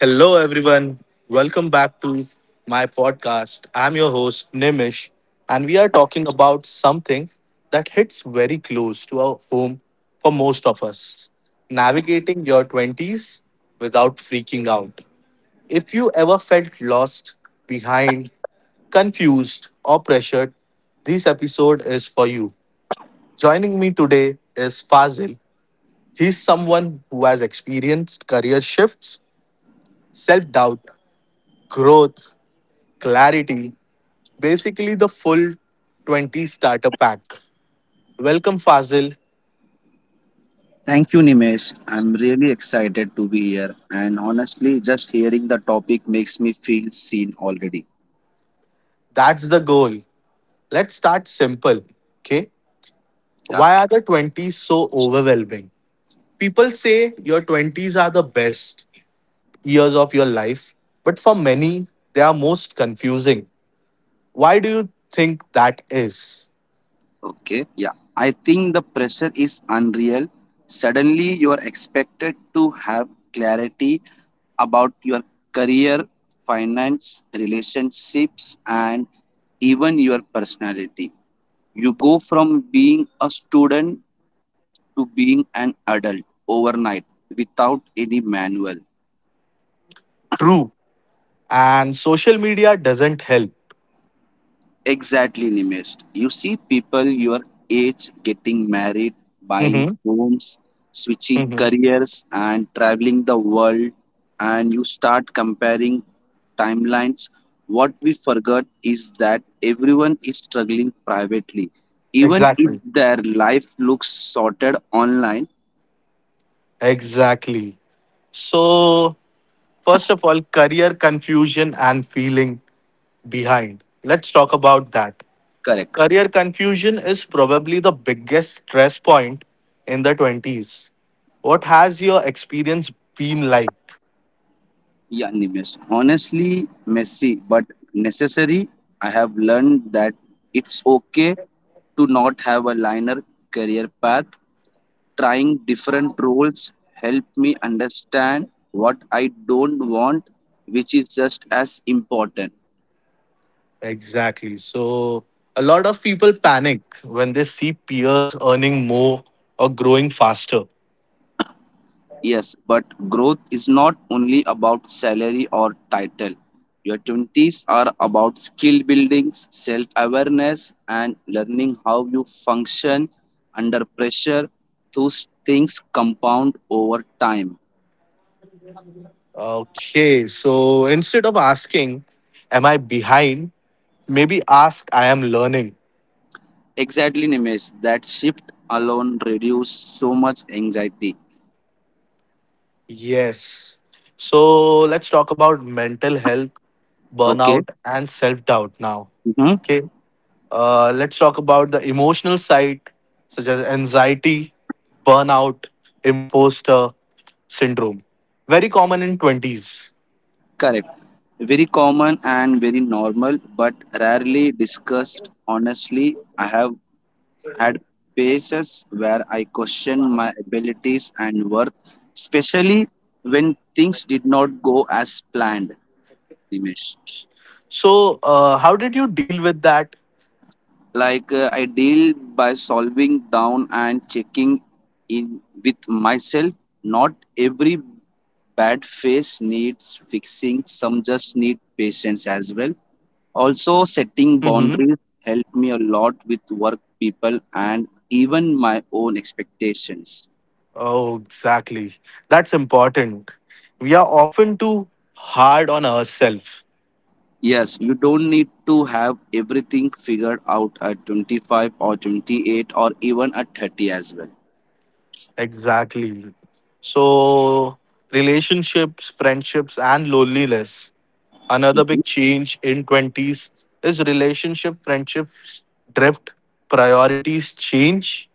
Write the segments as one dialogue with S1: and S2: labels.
S1: Hello, everyone. Welcome back to my podcast. I'm your host, Nimish, and we are talking about something that hits very close to our home for most of us navigating your 20s without freaking out. If you ever felt lost, behind, confused, or pressured, this episode is for you. Joining me today is Fazil. He's someone who has experienced career shifts, self doubt, growth, clarity, basically the full 20 starter pack. Welcome, Fazil.
S2: Thank you, Nimesh. I'm really excited to be here. And honestly, just hearing the topic makes me feel seen already.
S1: That's the goal. Let's start simple. Okay.
S2: Yeah.
S1: Why are the 20s so overwhelming? People say your 20s are the best years of your life, but for many, they are most confusing. Why do you think that is?
S2: Okay. Yeah. I think the pressure is unreal. Suddenly, you are expected to have clarity about your career, finance, relationships, and even your personality. You go from being a student to being an adult overnight without any manual.
S1: True. And social media doesn't help.
S2: Exactly, Nimesh. You see people your age getting married, buying
S1: Hmm.
S2: homes, switching
S1: Hmm.
S2: careers, and traveling the world, and you start comparing timelines. What we forgot is that everyone is struggling privately, even if
S1: Exactly.
S2: their life looks sorted online.
S1: Exactly. So, first of all, career confusion and feeling behind. Let's talk about that.
S2: Correct.
S1: Career confusion is probably the biggest stress point in the 20s. What has your experience been like?
S2: Yeah, Nimesh. Honestly, messy but necessary. I have learned that it's okay to not have a linear career path. Trying different roles helped me understand what I don't want, which is just as important.
S1: Exactly. So, a lot of people panic when they see peers earning more or growing faster.
S2: Yes, but growth is not only about salary or title. Your 20s are about skill building, self awareness, and learning how you function under pressure. Those things compound over time.
S1: Okay. So, instead of asking, am I behind? Maybe ask, I am learning.
S2: Exactly, Nimesh. That shift alone reduces so much anxiety.
S1: Yes. So let's talk about mental health,
S2: Okay.
S1: burnout, and self doubt now.
S2: hmm
S1: Okay. Let's talk about the emotional side, such as anxiety, burnout, imposter syndrome. Very common in 20s.
S2: Correct. Very common and very normal, but rarely discussed honestly. I have had phases where I questioned my abilities and worth, especially when things did not go as planned, Dimesh.
S1: So, how did you deal with that?
S2: I deal by solving down and checking in with myself. Not every bad phase needs fixing, some just need patience as well. Also, setting
S1: Mm-hmm.
S2: boundaries helped me a lot with work people and even my own expectations.
S1: Oh, exactly. That's important. We are often too hard on ourselves.
S2: Yes, you don't need to have everything figured out at 25 or 28 or even at 30 as well.
S1: Exactly. So, relationships, friendships, and loneliness. Another big
S2: hmm
S1: change in 20s is relationship, friendships drift, priorities change.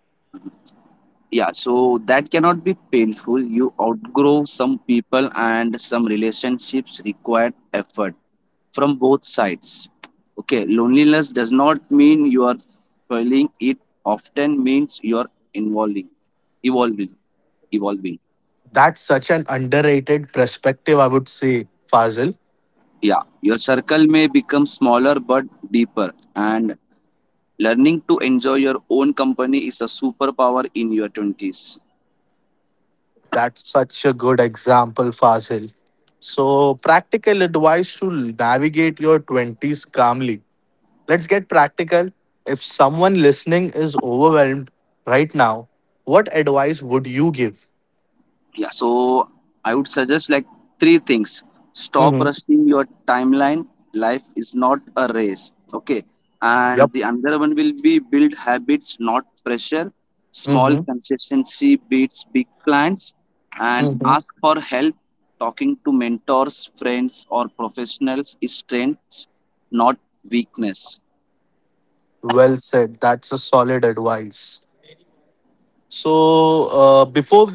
S2: Yeah, so that cannot be painful. You outgrow some people and some relationships require effort from both sides. Okay, loneliness does not mean you are failing, it often means you are involving, evolving, evolving.
S1: That's such an underrated perspective, I would say, Fazil.
S2: Yeah, your circle may become smaller but deeper, and learning to enjoy your own company is a superpower in your 20s.
S1: That's such a good example, Fazil. So, practical advice to navigate your 20s calmly. Let's get practical. If someone listening is overwhelmed right now, what advice would you give?
S2: Yeah, so I would suggest three things. Stop
S1: Mm-hmm.
S2: rushing your timeline. Life is not a race. Okay. And
S1: Yep.
S2: the another one will be build habits, not pressure. Small
S1: Mm-hmm.
S2: consistency beats big plans. And
S1: Mm-hmm.
S2: ask for help. Talking to mentors, friends, or professionals is strength, not weakness.
S1: Well said. That's a solid advice. So, before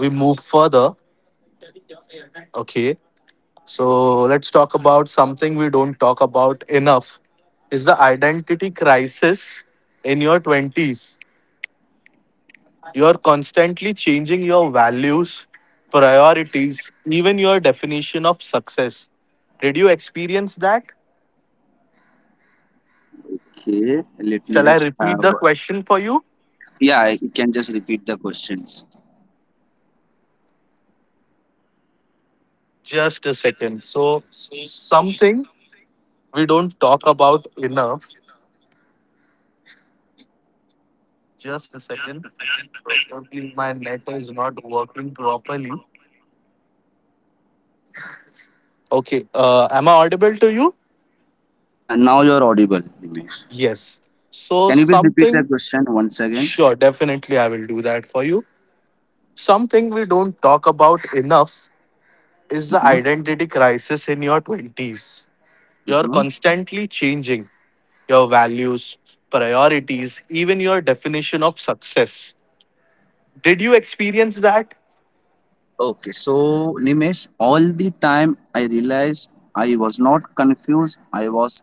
S1: we move further, okay, so let's talk about something we don't talk about enough is the identity crisis in your 20s. You're constantly changing your values, priorities, even your definition of success. Did you experience that?
S2: Okay, let me
S1: Shall I
S2: just
S1: repeat
S2: have.
S1: the question for you?
S2: Yeah, you can just repeat the questions.
S1: Just a second. So, something we don't talk about enough. Just a second. Probably my net is not working properly. Okay. Am I audible to you?
S2: Yeah, now you're audible, Nimesh.
S1: Yes. So,
S2: Can you please repeat the
S1: something,
S2: question once again?
S1: sure, definitely I will do that for you. Something we don't talk about enough is the
S2: Mm-hmm.
S1: identity crisis in your 20s. You're
S2: Mm-hmm.
S1: constantly changing your values, priorities, even your definition of success. Did you experience that?
S2: Okay, so Nimesh, all the time I realized I was not confused, I was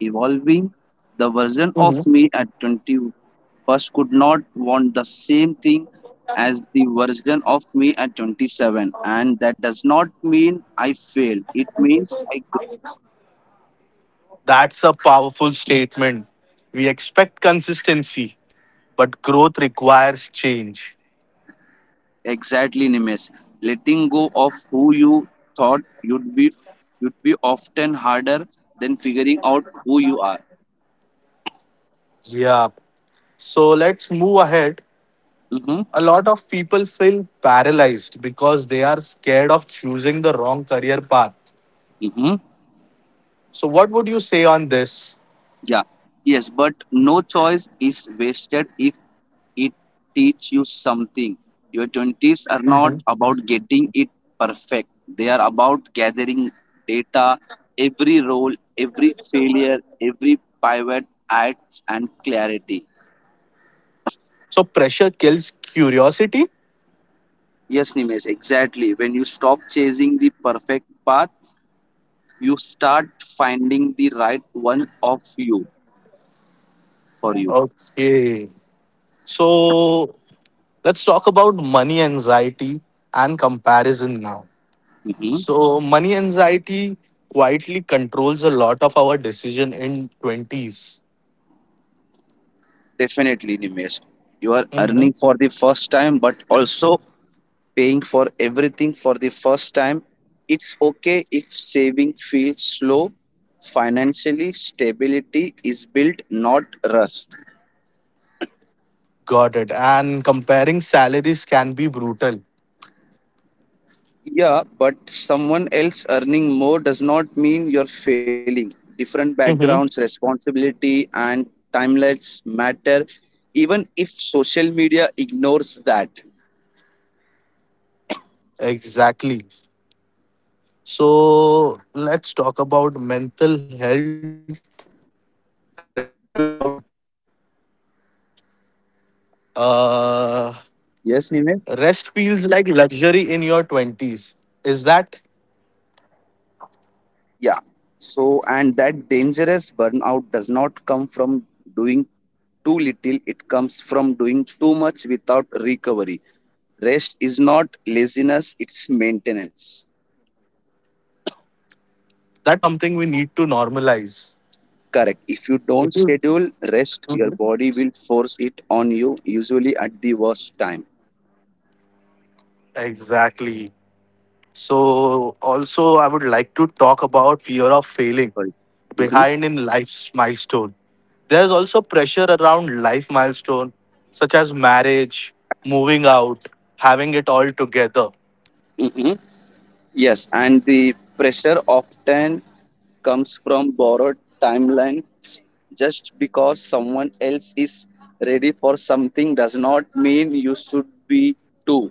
S2: evolving. The version
S1: Mhm.
S2: of me at 21st could not want the same thing as the version of me at 27, and that does not mean I fail, it means I grow.
S1: That's a powerful statement. We expect consistency, but growth requires change.
S2: Exactly, Nimesh. Letting go of who you thought you'd be would be often harder than figuring out who you are.
S1: Yeah. So let's move ahead.
S2: Mm-hmm.
S1: A lot of people feel paralyzed because they are scared of choosing the wrong career path.
S2: Mm-hmm.
S1: So, what would you say on this?
S2: Yeah. Yes, but no choice is wasted if it teach you something. Your twenties are not about getting it perfect. They are about gathering data, every role, every failure, every pivot acts and clarity.
S1: So pressure kills curiosity.
S2: Yes, Nimesh, exactly. When you stop chasing the perfect path, you start finding the right one of you for you.
S1: Okay. So let's talk about money anxiety and comparison now.
S2: Mhm.
S1: So money anxiety quietly controls a lot of our decision in 20s.
S2: Definitely, Nimesh. You are
S1: Mhm.
S2: earning for the first time, but also paying for everything for the first time. It's okay if saving feels slow. Financially, stability is built, not rush.
S1: Got it. And comparing salaries can be brutal.
S2: Yeah, but someone else earning more does not mean you're failing. Different backgrounds,
S1: Mhm.
S2: responsibility, and timelines matter, even if social media ignores that.
S1: Exactly. So let's talk about mental health, rest without guilt. Uh
S2: Yes,
S1: Rest
S2: Nime?
S1: feels like luxury in your 20s. Is that
S2: Yeah. So, and that dangerous burnout does not come from doing too little, it comes from doing too much without recovery. Rest is not laziness, it's maintenance.
S1: that's something we need to normalize?
S2: Correct. If you
S1: If you
S2: don't schedule rest,
S1: Mhm.
S2: your body will force it on you, usually at the worst time.
S1: Exactly. So, also, I would like to talk about fear of failing
S2: Right. hmm
S1: behind in life's milestone. There's also pressure around life milestone, such as marriage, moving out, having it all together.
S2: hmm Yes, and the pressure often comes from borrowed timelines. Just because someone else is ready for something does not mean you should be too.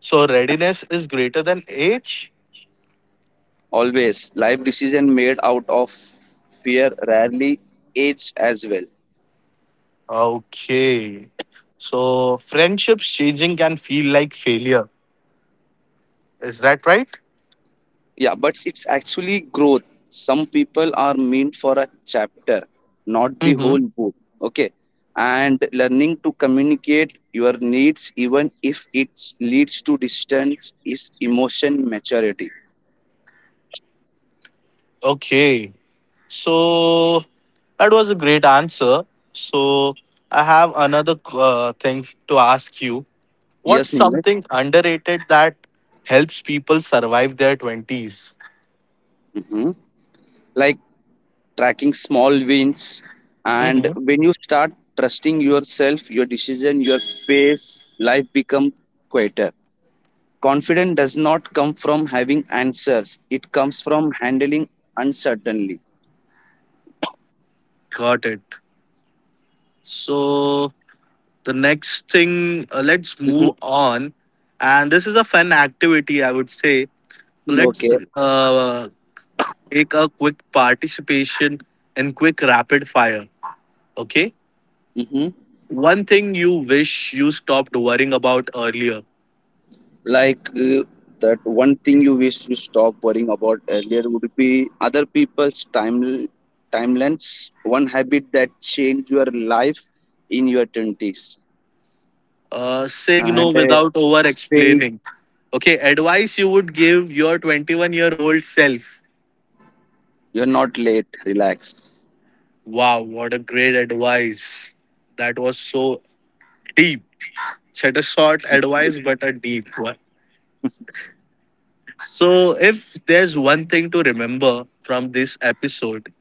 S1: So, readiness is greater than age.
S2: Always, life decision made out of fear rarely age as well.
S1: Okay. So friendships changing can feel like failure. Is that right?
S2: Yeah, but it's actually growth. Some people are meant for a chapter, not the
S1: Mm-hmm.
S2: whole book. Okay. And learning to communicate your needs, even if it leads to distance, is emotion maturity.
S1: Okay. So that was a great answer. So I have another thing to ask you. What's
S2: Yes, Neeraj.
S1: something underrated that helps people survive their 20s?
S2: hmm Like tracking small wins. And
S1: Mm-hmm.
S2: when you start trusting yourself, your decision, your pace, life become quieter. Confidence does not come from having answers, it comes from handling uncertainty.
S1: Got it. So the next thing, let's move
S2: Mm-hmm.
S1: on. And this is a fun activity, I would say. Let's
S2: Okay.
S1: take a quick participation and quick rapid fire. Okay.
S2: Mm-hmm.
S1: One thing you wish you stopped worrying about earlier.
S2: Like uh, that one thing you wish you stop worrying about earlier would be other people's timelines. One habit that changed your life in your twenties.
S1: Saying no
S2: And
S1: without over
S2: stay.
S1: explaining. Okay. Advice you would give your 21-year-old self.
S2: You're not late. Relax.
S1: Wow. What a great advice. That was so deep. Said a short advice, but a deep one. So, if there's one thing to remember from this episode,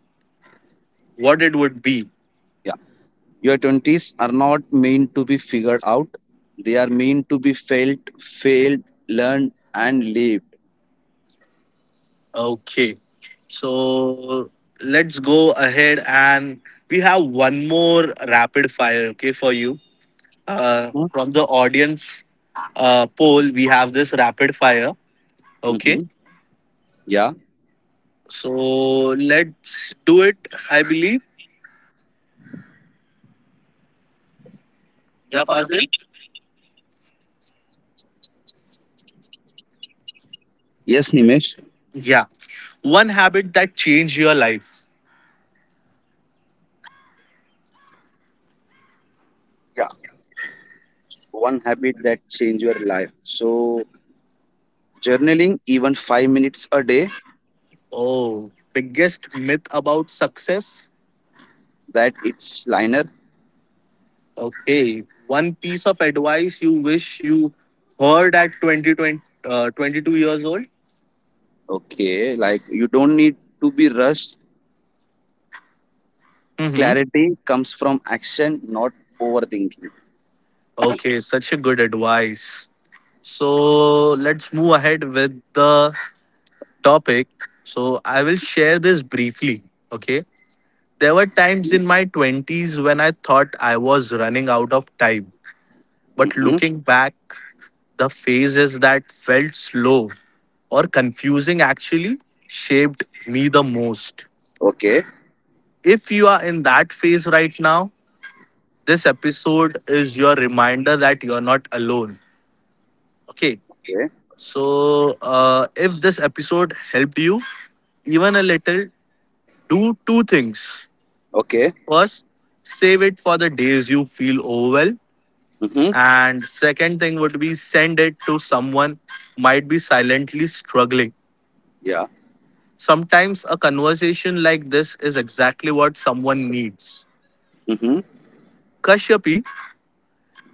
S1: what it would be?
S2: Yeah. Your 20s are not meant to be figured out, they are meant to be felt, failed, learned, and lived.
S1: Okay. So let's go ahead and we have one more rapid fire, okay, for you. From the audience poll, we have this rapid fire, okay.
S2: Mm-hmm. Yeah.
S1: So let's do it, I believe. Yeah, Fazil?
S2: Yes, Nimesh.
S1: Yeah. One habit that changed your life.
S2: Yeah. One habit that changed your life. So journaling, even five minutes a day,
S1: Oh, biggest myth about success.
S2: that it's liner.
S1: Okay. One piece of advice you wish you heard at 20, twenty, 22 years old.
S2: Okay. Like you don't need to be rushed.
S1: Mm-hmm.
S2: Clarity comes from action, not overthinking.
S1: Okay, such a good advice. So let's move ahead with the topic. So I will share this briefly. Okay. There were times in my 20s when I thought I was running out of time. But
S2: Mm-hmm.
S1: looking back, the phases that felt slow or confusing actually shaped me the most.
S2: Okay.
S1: If you are in that phase right now, this episode is your reminder that you're not alone. Okay.
S2: Okay.
S1: So, if this episode helped you even a little, do two things.
S2: Okay.
S1: First, save it for the days you feel overwhelmed.
S2: Mm-hmm.
S1: And second thing would be send it to someone who might be silently struggling.
S2: Yeah.
S1: Sometimes a conversation like this is exactly what someone needs.
S2: Mm-hmm.
S1: Kashyapi,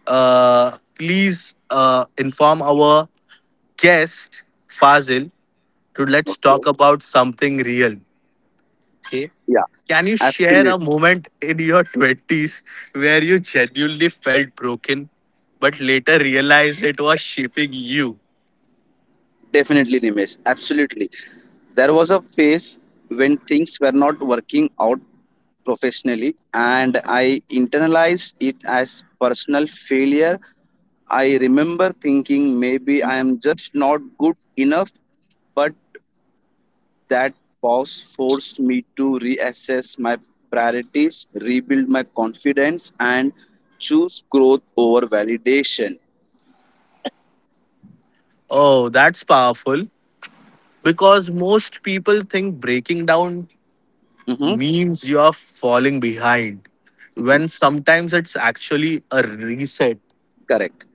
S1: please inform our guest Fazil to let's talk
S2: Okay.
S1: about something real. Okay.
S2: Yeah.
S1: Can you share
S2: Absolutely.
S1: a moment in your 20s where you genuinely felt broken but later realized it was shaping you?
S2: Definitely, Nimesh. Absolutely. There was a phase when things were not working out professionally, and I internalized it as personal failure. I remember thinking maybe I am just not good enough, but that pause forced me to reassess my priorities, rebuild my confidence, and choose growth over validation.
S1: Oh, that's powerful because most people think breaking down
S2: Mhm.
S1: means you are falling behind
S2: Mhm.
S1: when sometimes it's actually a reset.
S2: Correct.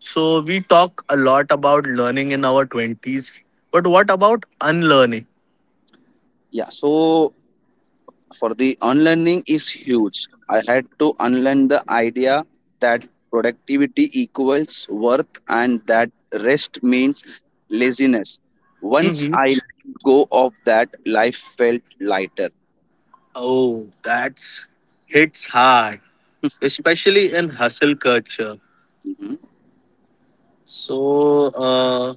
S1: So, we talk a lot about learning in our 20s, but what about unlearning?
S2: Yeah. So for the unlearning is huge. I had to unlearn the idea that productivity equals worth and that rest means laziness. Once
S1: Mm-hmm.
S2: I let go of that, life felt lighter.
S1: Oh, that's hits hard, especially in hustle culture.
S2: Mhm.
S1: So,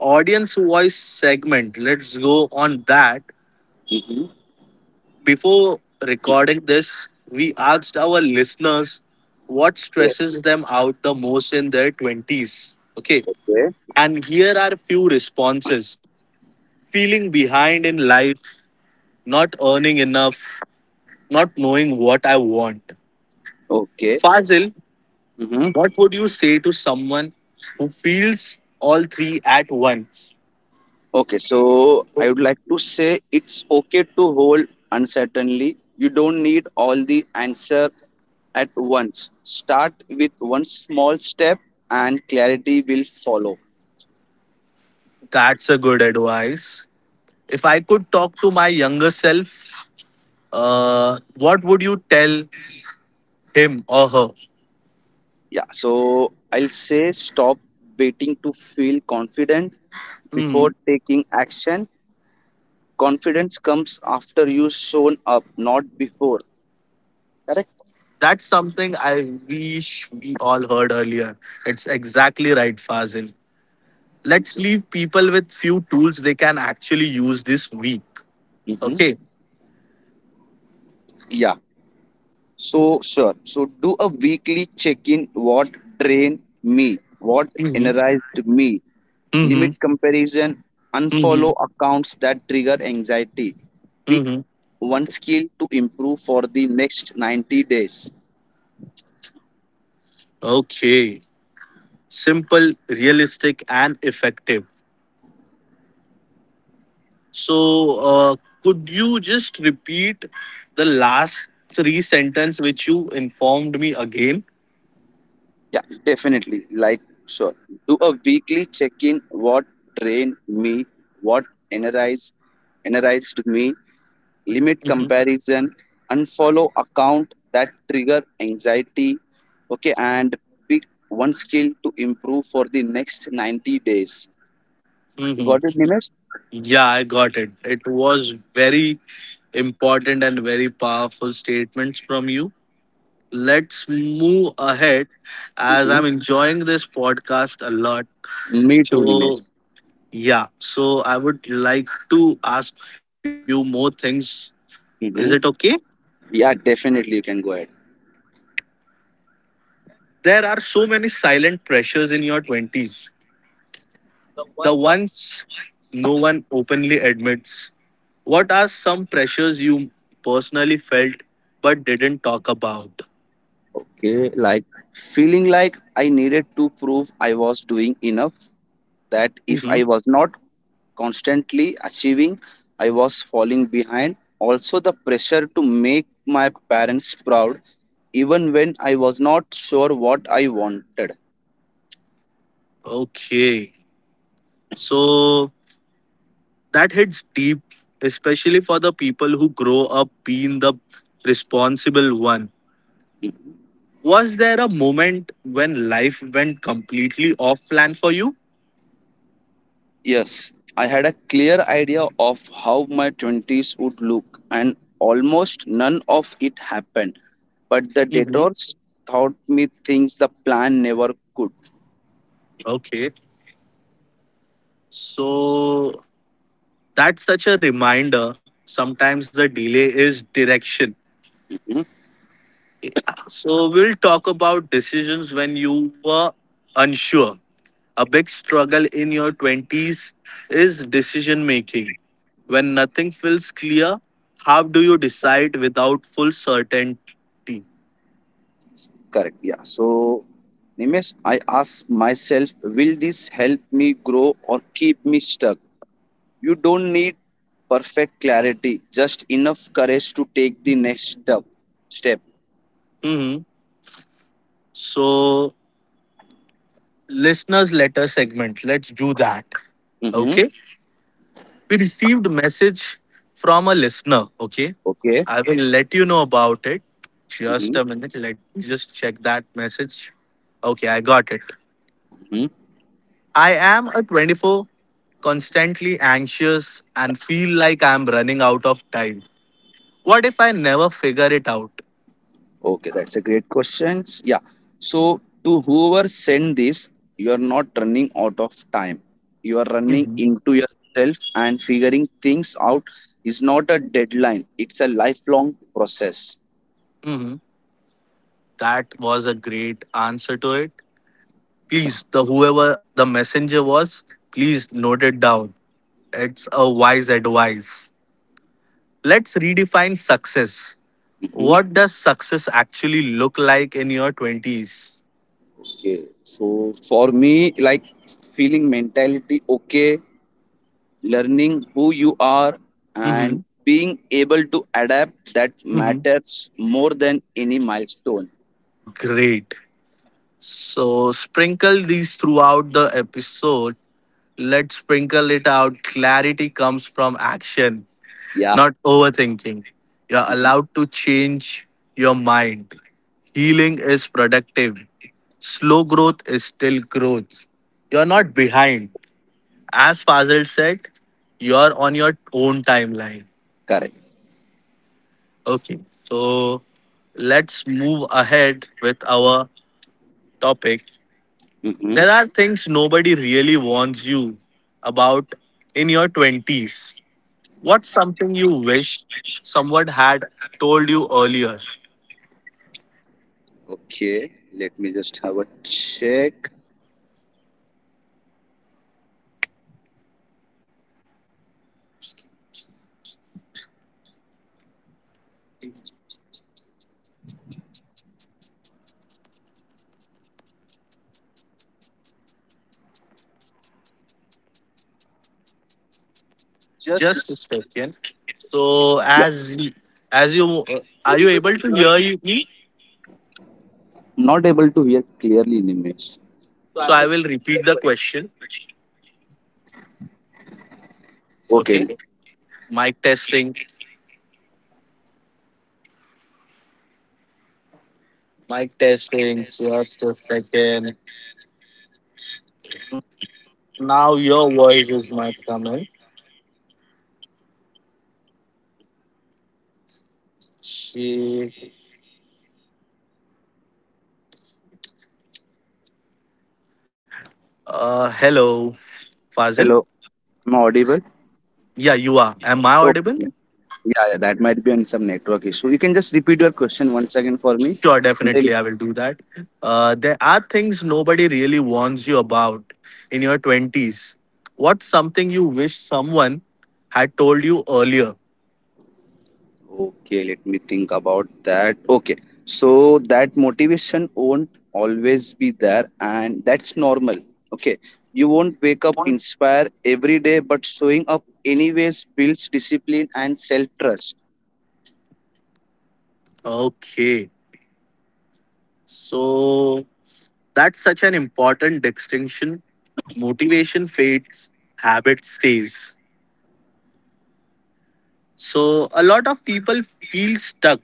S1: audience voice segment, let's go on that.
S2: Mhm.
S1: Before recording this, we asked our listeners what
S2: Okay.
S1: stresses them out the most in their 20s. Okay. And here are a few responses feeling behind in life, not earning enough, not knowing what I want.
S2: Okay.
S1: Fazil,
S2: Okay.
S1: what would you say to someone who feels all three at once?
S2: Okay, so I would like to say it's okay to hold uncertainly. You don't need all the answer at once. Start with one small step and clarity will follow.
S1: That's a good advice. If I could talk to my younger self, what would you tell him or her?
S2: Yeah, so I'll say stop waiting to feel confident
S1: Hmm.
S2: before taking action. Confidence comes after you shown up, not before. Correct?
S1: That's something I wish we all heard earlier. It's exactly right, Fazil.
S2: Thank
S1: Let's
S2: you.
S1: leave people with few tools they can actually use this week. Okay.
S2: hmm Yeah. So sure. So do a weekly check-in. What drained me? What
S1: Mm-hmm.
S2: energized me?
S1: Mm-hmm.
S2: Limit comparison.
S1: Mm-hmm.
S2: Unfollow accounts that trigger anxiety. Pick
S1: Mm-hmm.
S2: one skill to improve for the next 90 days.
S1: Okay, simple, realistic, and effective. So, could you just repeat the last three sentence which you informed me again?
S2: Yeah, definitely. Sure. Do a weekly check-in. What drained me? What energized energized me? Limit comparison, unfollow account that trigger anxiety, okay, and pick one skill to improve for the next 90 days. You
S1: Hmm.
S2: got it, Nimesh?
S1: Yeah, I got it. It was very important and very powerful statements from you. Let's move ahead as
S2: hmm
S1: I'm enjoying this podcast a lot.
S2: Me too,
S1: So,
S2: Nimesh.
S1: yeah, so I would like to ask few more things. Is it
S2: hmm
S1: okay?
S2: Yeah, definitely you can go ahead.
S1: There are so many silent pressures in your 20s, the ones no one openly admits. What are some pressures you personally felt but didn't talk about?
S2: Okay, feeling like I needed to prove I was doing enough, that if I
S1: Hmm.
S2: was not, constantly achieving, I was falling behind. Also, the pressure to make my parents proud, even when I was not sure what I wanted.
S1: Okay. So that hits deep, especially for the people who grow up being the responsible one. Was there a moment when life went completely off plan for you?
S2: Yes, I had a clear idea of how my 20s would look, and almost none of it happened. But the
S1: Hmm.
S2: detours taught me things the plan never could.
S1: Okay. So, that's such a reminder. Sometimes the delay is direction.
S2: Mhm.
S1: So we'll talk about decisions when you were unsure. A big struggle in your 20s is decision making. When nothing feels clear, how do you decide without full certainty?
S2: Correct, yeah. So, Nimesh, I asked myself, will this help me grow or keep me stuck? You don't need perfect clarity, just enough courage to take the next step. Step.
S1: Mhm. So, listeners letter segment, let's do that.
S2: Mm-hmm.
S1: Okay. We received a message from a listener. Okay,
S2: Okay.
S1: I will let you know about it. Just
S2: Mm-hmm.
S1: a minute. Let me just check that message. Okay, I got it.
S2: Mm-hmm.
S1: I am a 24, constantly anxious and feel like I'm running out of time. What if I never figure it out?
S2: Okay, that's a great question. Yeah. So to whoever sent this, you are not running out of time. You are running
S1: Mhm.
S2: into yourself and figuring things out is not a deadline. It's a lifelong process.
S1: Mhm. That was a great answer to it. Please, the whoever the messenger was, please note it down. It's a wise advice. Let's redefine success.
S2: Mm-hmm.
S1: What does success actually look like in your 20s?
S2: Okay. So for me, feeling mentality okay learning who you are and
S1: Mm-hmm.
S2: being able to adapt that
S1: Mm-hmm.
S2: matters more than any milestone.
S1: Great. So, sprinkle these throughout the episode. Let's sprinkle it out. Clarity comes from action,
S2: Yeah.
S1: not overthinking. You're
S2: Mhm.
S1: allowed to change your mind. Healing is productive. Slow growth is still growth. You're not behind. As Fazil said, you're on your own timeline.
S2: Correct.
S1: Okay, so let's move ahead with our topic.
S2: hmm
S1: There are things nobody really warns you about in your 20s. What's something you wish someone had told you earlier?
S2: okay, let me just have a check.
S1: Just a second. So
S2: Yeah,
S1: as you are you able to hear me?
S2: not able to hear clearly, Nimesh.
S1: So I will repeat the question.
S2: Okay,
S1: Okay. Mic testing. Mic testing. Just a second. Now your voice is not coming. Okay. Hello,
S2: hello,
S1: Fazil.
S2: am I audible?
S1: Yeah, you are. Am I
S2: Okay.
S1: audible?
S2: Yeah, yeah that might be on some network issue, you can just repeat your question once again for me,
S1: Sure,
S2: I'm really
S1: definitely, I
S2: sorry.
S1: will do that. There are things nobody really warns you about in your 20s. What's something you wish someone had told you earlier?
S2: Okay, let me think about that. Okay, so that motivation won't always be there, and that's normal. Okay, you won't wake up inspired every day, but showing up anyways builds discipline and self trust.
S1: Okay. So that's such an important distinction. Motivation fades, habit stays. So a lot of people feel stuck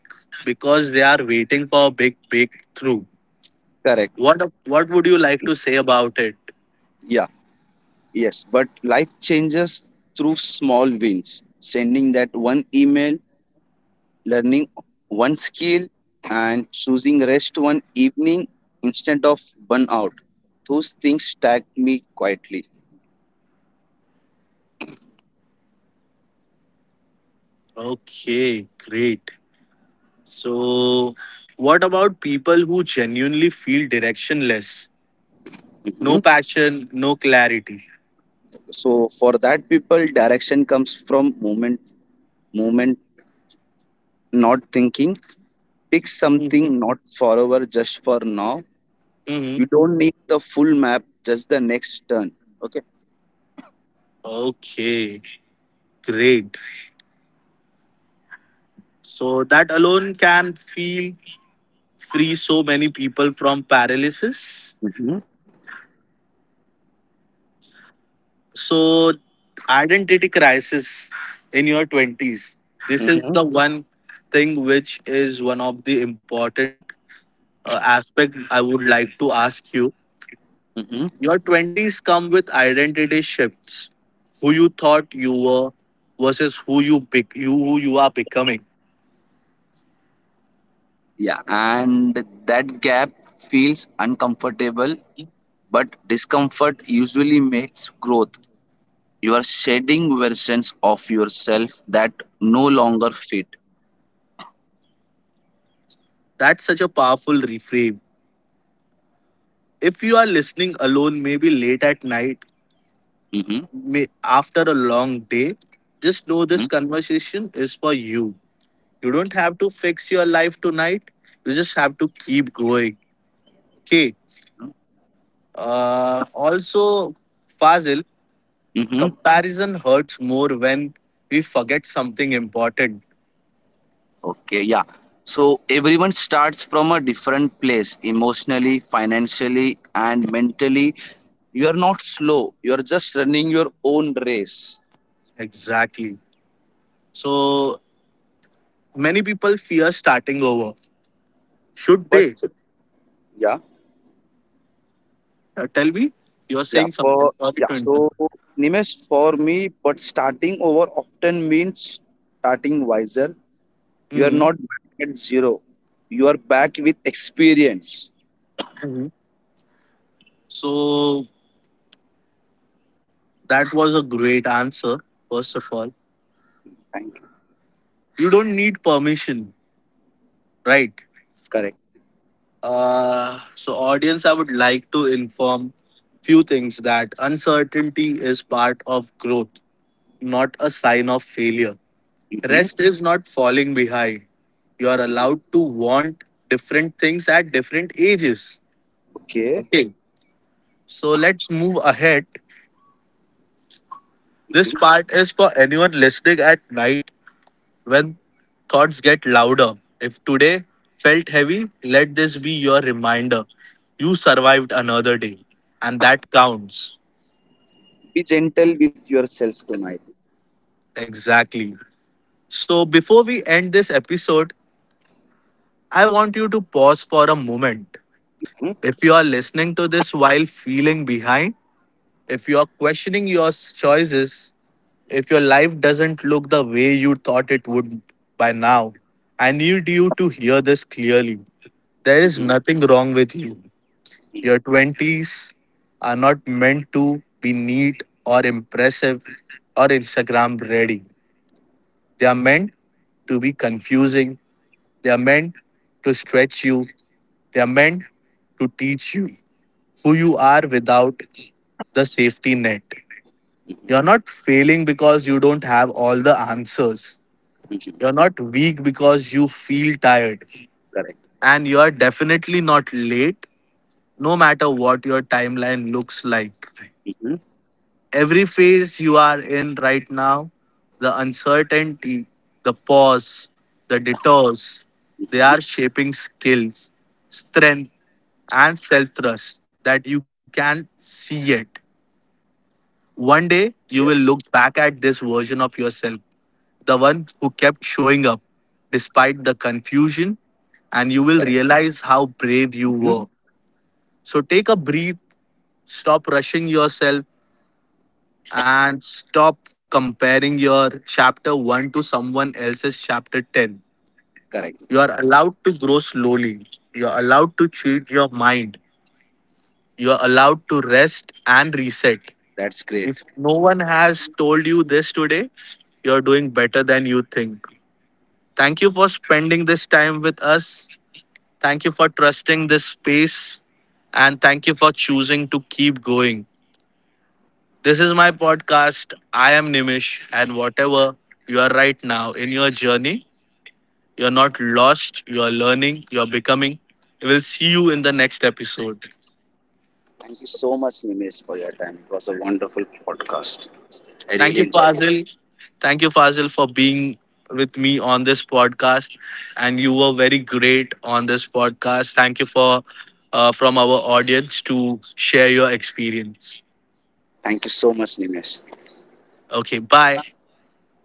S1: because they are waiting for a big breakthrough.
S2: Correct.
S1: What what would you like to say about it?
S2: Yeah, yes, but life changes through small wins. Sending that one email, learning one skill, and choosing rest one evening instead of burnout. Those things tag me quietly.
S1: Okay, great. So what about people who genuinely feel directionless? No
S2: Mhm.
S1: passion, no clarity.
S2: So for that people, direction comes from moment, not thinking. Pick
S1: Mhm.
S2: something not forever, just for now.
S1: Mhm.
S2: You don't need the full map, just the next turn. Okay.
S1: Okay, great. So that alone can feel free so many people from paralysis.
S2: Mhm.
S1: So, identity crisis in your 20s. This is
S2: Mhm.
S1: the one thing which is one of the important aspect I would like to ask you.
S2: Mhm.
S1: Your 20s come with identity shifts. Who you thought you were versus you who you are becoming.
S2: Yeah, and that gap feels uncomfortable, but discomfort usually makes growth. You are shedding versions of yourself that no longer fit.
S1: That's such a powerful reframe. If you are listening alone maybe late at night,
S2: Mm-hmm.
S1: may after a long day, just know this
S2: Mm-hmm.
S1: conversation is for you. You don't have to fix your life tonight. You just have to keep going. Okay. Also, Fazil,
S2: Mm-hmm.
S1: comparison hurts more when we forget something important.
S2: Okay, yeah. So everyone starts from a different place emotionally, financially, and mentally. You are not slow, you are just running your own race.
S1: Exactly. So many people fear starting over. Should they?
S2: But yeah,
S1: Tell me. You're
S2: yeah,
S1: saying
S2: for
S1: something. Sorry
S2: yeah,
S1: to interrupt.
S2: so Nimesh, for me, but starting over often means starting wiser. You are
S1: hmm
S2: not back at zero, you are back with experience.
S1: hmm So that was a great answer. First of all,
S2: Thank you.
S1: you don't need permission, right?
S2: Correct.
S1: So, audience, I would like to inform few things that uncertainty is part of growth, not a sign of failure.
S2: hmm
S1: Rest is not falling behind. You are allowed to want different things at different ages.
S2: Okay.
S1: Okay, so let's move ahead. This
S2: hmm
S1: part is for anyone listening at night when thoughts get louder. If today felt heavy, let this be your reminder. You survived another day, and that counts.
S2: Be gentle with yourself tonight.
S1: Exactly. So, before we end this episode, I want you to pause for a moment.
S2: hmm
S1: If you are listening to this while feeling behind, if you are questioning your choices, if your life doesn't look the way you thought it would by now, I need you to hear this clearly. There is nothing wrong with you. Your 20s are not meant to be neat or impressive or Instagram ready. They are meant to be confusing. They are meant to stretch you. They are meant to teach you who you are without the safety net. You're not failing because you don't have all the answers. You're
S2: Mhm.
S1: not weak because you feel tired.
S2: Correct.
S1: And you're definitely not late, no matter what your timeline looks like.
S2: hmm
S1: Every phase you are in right now, the uncertainty, the pause, the detours, they are
S2: hmm
S1: shaping skills, strength, and self trust that you can see it. One
S2: Yes.
S1: day, you will look back at this version of yourself, the one who kept showing up despite the confusion,
S2: Correct.
S1: and you will realize how brave
S2: hmm
S1: you were. So take a breath, stop rushing yourself, and stop comparing your chapter 1 to someone else's chapter 10.
S2: Correct.
S1: You are allowed to grow slowly. You are allowed to change your mind. You are allowed to rest and reset.
S2: That's
S1: If
S2: great.
S1: no one has told you this today, you're doing better than you think. Thank you for spending this time with us. Thank you for trusting this space. And thank you for choosing to keep going. This is my podcast. I am Nimish, and whatever you are right now in your journey, you're not lost, you're learning, you're becoming. We'll see you in the next episode.
S2: Thank you so much, Nimesh, for your time. It was a wonderful podcast. I really
S1: Thank you,
S2: enjoyed it.
S1: Fazil. Thank you, Fazil, for being with me on this podcast. And you were very great on this podcast. Thank you for from our audience to share your experience.
S2: Thank you so much, Nimesh.
S1: Okay, bye.
S2: Bye.